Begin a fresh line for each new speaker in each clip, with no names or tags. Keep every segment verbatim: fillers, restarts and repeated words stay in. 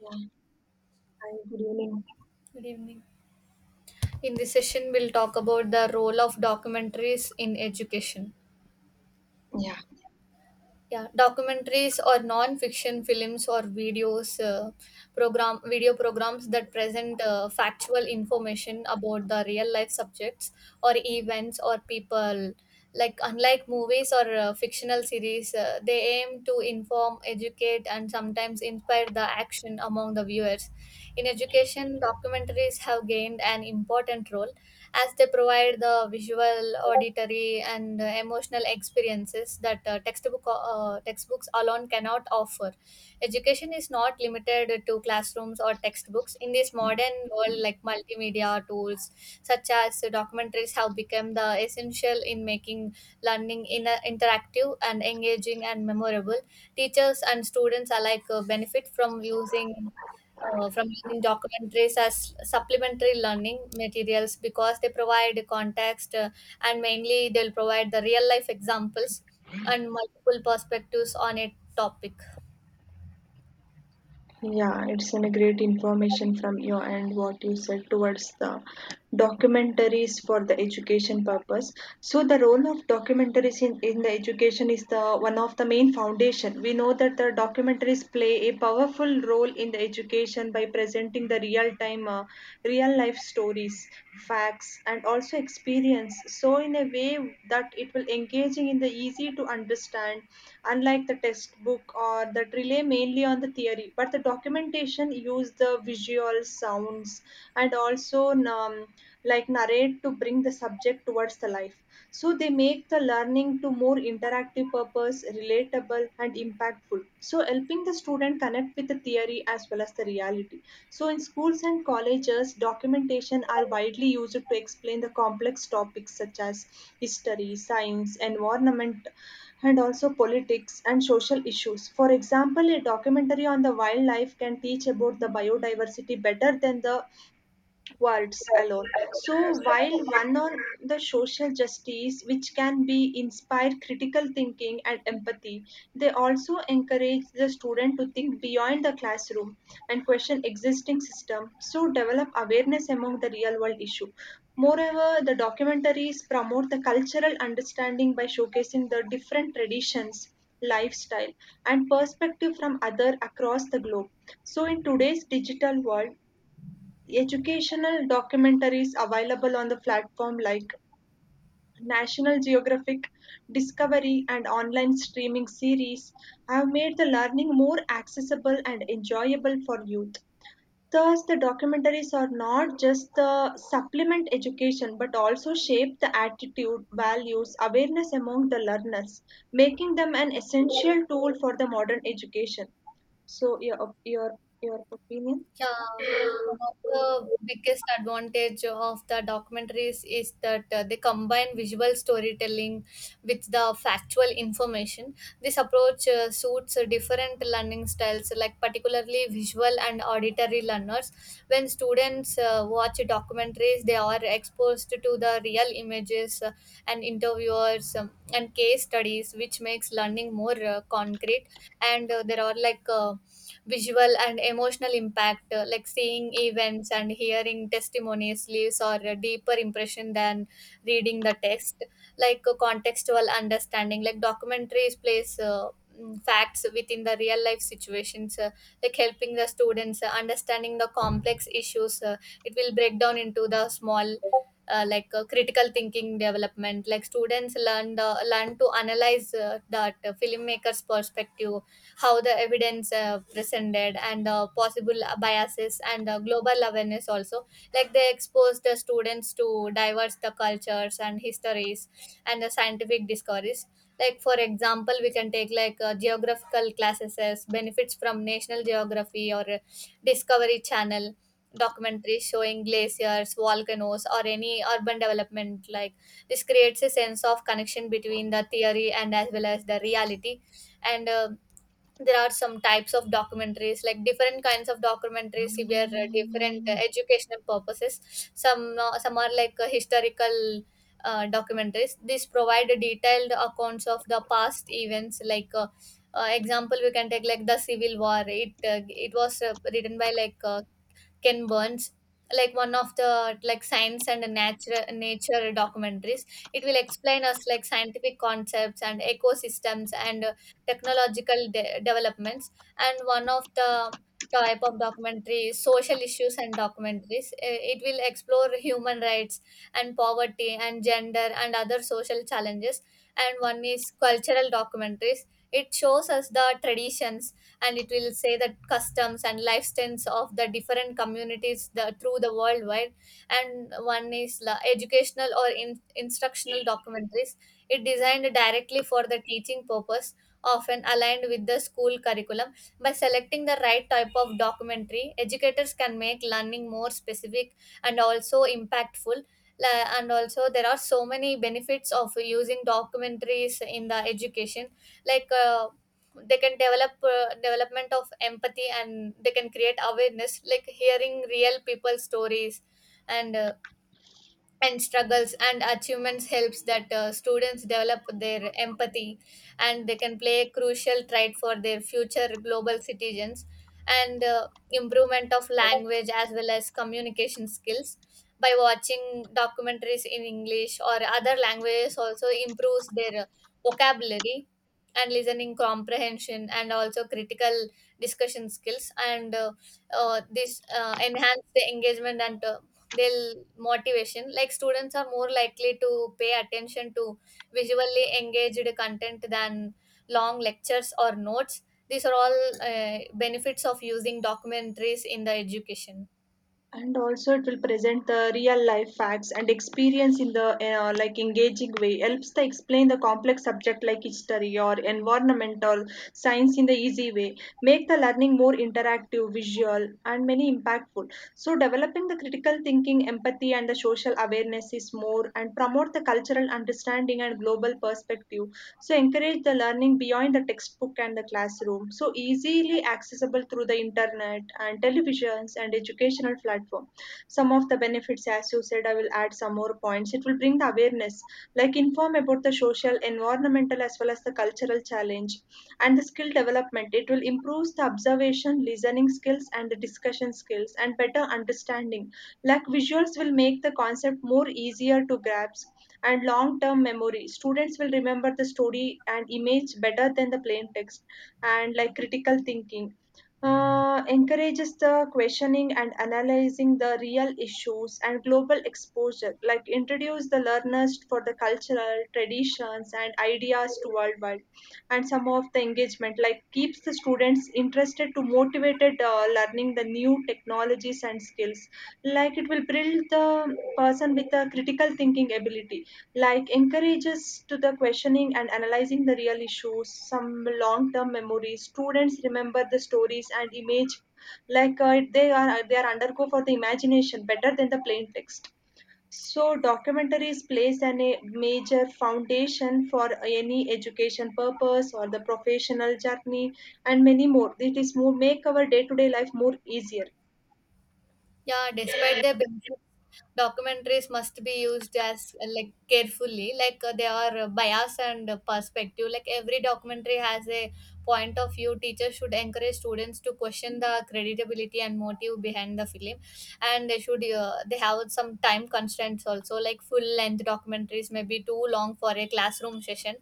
Yeah, hi, good evening.
Good evening. In this session, we'll talk about the role of documentaries in education.
Yeah,
Yeah, documentaries or non-fiction films or videos, uh, program video programs that present uh, factual information about the real-life subjects or events or people. Like unlike movies or uh, fictional series, uh, they aim to inform, educate, and sometimes inspire the action among the viewers. In education, documentaries have gained an important role as they provide the visual, auditory, and uh, emotional experiences that uh, textbook uh, textbooks alone cannot offer. Education is not limited to classrooms or textbooks. In this modern world, like multimedia tools such as documentaries have become the essential in making learning in uh, interactive and engaging and memorable. Teachers and students alike uh, benefit from using uh, from using documentaries as supplementary learning materials because they provide context, uh, and mainly they'll provide the real life examples and multiple perspectives on a topic.
yeah, it's an a great information from you and what you said towards the documentaries for the education purpose. So the role of documentaries in, in the education is the one of the main foundation. We know that the documentaries play a powerful role in the education by presenting the real time, uh, real life stories, facts, and also experience. So in a way that it will engaging in the easy to understand, unlike the textbook or that rely mainly on the theory. But the documentation use the visual sounds and also also um, like narrate to bring the subject towards the life, so they make the learning to more interactive purpose relatable and impactful, so helping the student connect with the theory as well as the reality. So in schools and colleges documentation are widely used to explain the complex topics such as history, science, environment, and also politics and social issues. For example, a documentary on the wildlife can teach about the biodiversity better than the words alone. So, while one on the social justice, which can be inspire critical thinking and empathy, they also encourage the student to think beyond the classroom and question existing system. So, develop awareness among the real world issue. Moreover, the documentaries promote the cultural understanding by showcasing the different traditions, lifestyle, and perspective from other across the globe. So, in today's digital world, educational documentaries available on the platform like National Geographic, Discovery, and online streaming series have made the learning more accessible and enjoyable for youth. Thus, the documentaries are not just the supplement education but also shape the attitude, values, awareness among the learners, making them an essential tool for the modern education. So, your, your, your opinion?
Yeah, one of the biggest advantage of the documentaries is that uh, they combine visual storytelling with the factual information. This approach uh, suits uh, different learning styles, like particularly visual and auditory learners. When students uh, watch documentaries, they are exposed to the real images, uh, and interviewers um, and case studies, which makes learning more uh, concrete. And uh, there are like uh, visual and emotional impact, uh, like seeing events and hearing testimonies leaves or a deeper impression than reading the text. Like a contextual understanding, like documentaries place uh, mm, facts within the real life situations, uh, like helping the students uh, understanding the complex issues. Uh, it will break down into the small, uh, like uh, critical thinking development like students learn the learn to analyze uh, that uh, filmmaker's perspective, how the evidence uh, presented and uh, possible biases, and uh, global awareness also, like they expose the students to diverse the cultures and histories and the scientific discoveries. Like for example, we can take like uh, geographical classes as benefits from national geography or uh, discovery channel documentaries showing glaciers, volcanoes, or any urban development, like this creates a sense of connection between the theory and as well as the reality. And uh, there are some types of documentaries, like different kinds of documentaries where uh, different uh, educational purposes. Some, uh, some are like uh, historical uh, documentaries, these provide detailed accounts of the past events like uh, uh, example we can take like the civil war. It uh, it was uh, written by like uh, Ken Burns, like one of the like science and nature nature documentaries. It will explain us like scientific concepts and ecosystems and uh, technological de- developments. And one of the type of documentaries, social issues and documentaries. Uh, It will explore human rights and poverty and gender and other social challenges. And one is cultural documentaries. It shows us the traditions, and it will say that customs and lifestyles of the different communities, the, through the worldwide. And one is la- educational or in, instructional documentaries, it designed directly for the teaching purpose, often aligned with the school curriculum. By selecting the right type of documentary, educators can make learning more specific and also impactful. La- and also there are so many benefits of using documentaries in the education, like uh, they can develop uh, development of empathy, and they can create awareness, like hearing real people stories and uh, and struggles and achievements helps that uh, students develop their empathy, and they can play a crucial trait for their future global citizens. And uh, improvement of language as well as communication skills by watching documentaries in english or other languages also improves their uh, vocabulary and listening comprehension and also critical discussion skills. And uh, uh, this uh, enhance the engagement and uh, they'll motivation, like students are more likely to pay attention to visually engaged content than long lectures or notes. These are all uh, benefits of using documentaries in the education.
And also it will present the real life facts and experience in the uh, like engaging way, helps to explain the complex subject like history or environment or science in the easy way, make the learning more interactive, visual, and many impactful, so develop developing the critical thinking, empathy, and the social awareness is more, and promote the cultural understanding and global perspective. So, encourage the learning beyond the textbook and the classroom. So, easily accessible through the internet and televisions and educational platform. Some of the benefits, as you said, I will add some more points. It will bring the awareness, like inform about the social, environmental, as well as the cultural challenge. And the skill development, it will improve the observation, listening skills, and the discussion skills and better understanding, like visuals will make the concept more easier to grasp. And long term memory, students will remember the story and image better than the plain text. And like critical thinking, uh, encourages the questioning and analyzing the real issues. And global exposure, like introduce the learners for the cultural traditions and ideas to worldwide. And some of the engagement, like keeps the students interested to motivated, uh, learning the new technologies and skills, like it will build the person with a critical thinking ability, like encourages to the questioning and analyzing the real issues. Some long-term memories, students remember the stories and image, like uh, they are they are undergo for the imagination better than the plain text. So documentaries plays an, a major foundation for any education purpose or the professional journey and many more. It is more make our day-to-day life more easier.
Yeah, despite their benefits, documentaries must be used as uh, like carefully, like uh, they are uh, bias and uh, perspective. Like every documentary has a point of view. Teachers should encourage students to question the credibility and motive behind the film, and they should uh, they have some time constraints also. Like full length documentaries may be too long for a classroom session,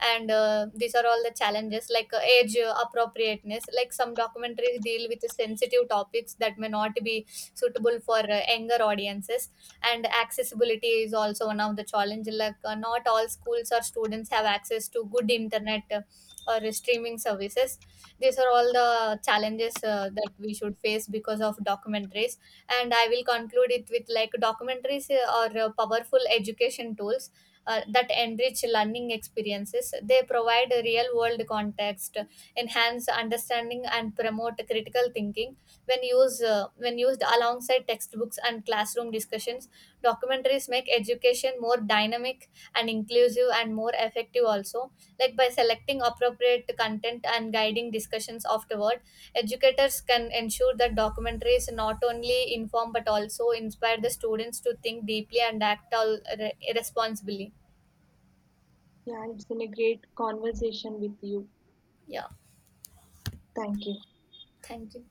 and uh, these are all the challenges, like uh, age uh, appropriateness. Like some documentaries deal with sensitive topics that may not be suitable for uh, younger audiences. And accessibility is also one of the challenge, like uh, not all schools or students have access to good internet, uh, or streaming services. These are all the challenges uh, that we should face because of documentaries. And I will conclude it with, like documentaries uh, are uh, powerful education tools uh, that enrich learning experiences. They provide real world context, enhance understanding, and promote critical thinking. When used uh, when used alongside textbooks and classroom discussions, documentaries make education more dynamic and inclusive and more effective also. Like by selecting appropriate content and guiding discussions afterward, educators can ensure that documentaries not only inform but also inspire the students to think deeply and act all re- responsibly.
Yeah, it's been a great conversation with you.
Yeah,
Thank you.
thank you.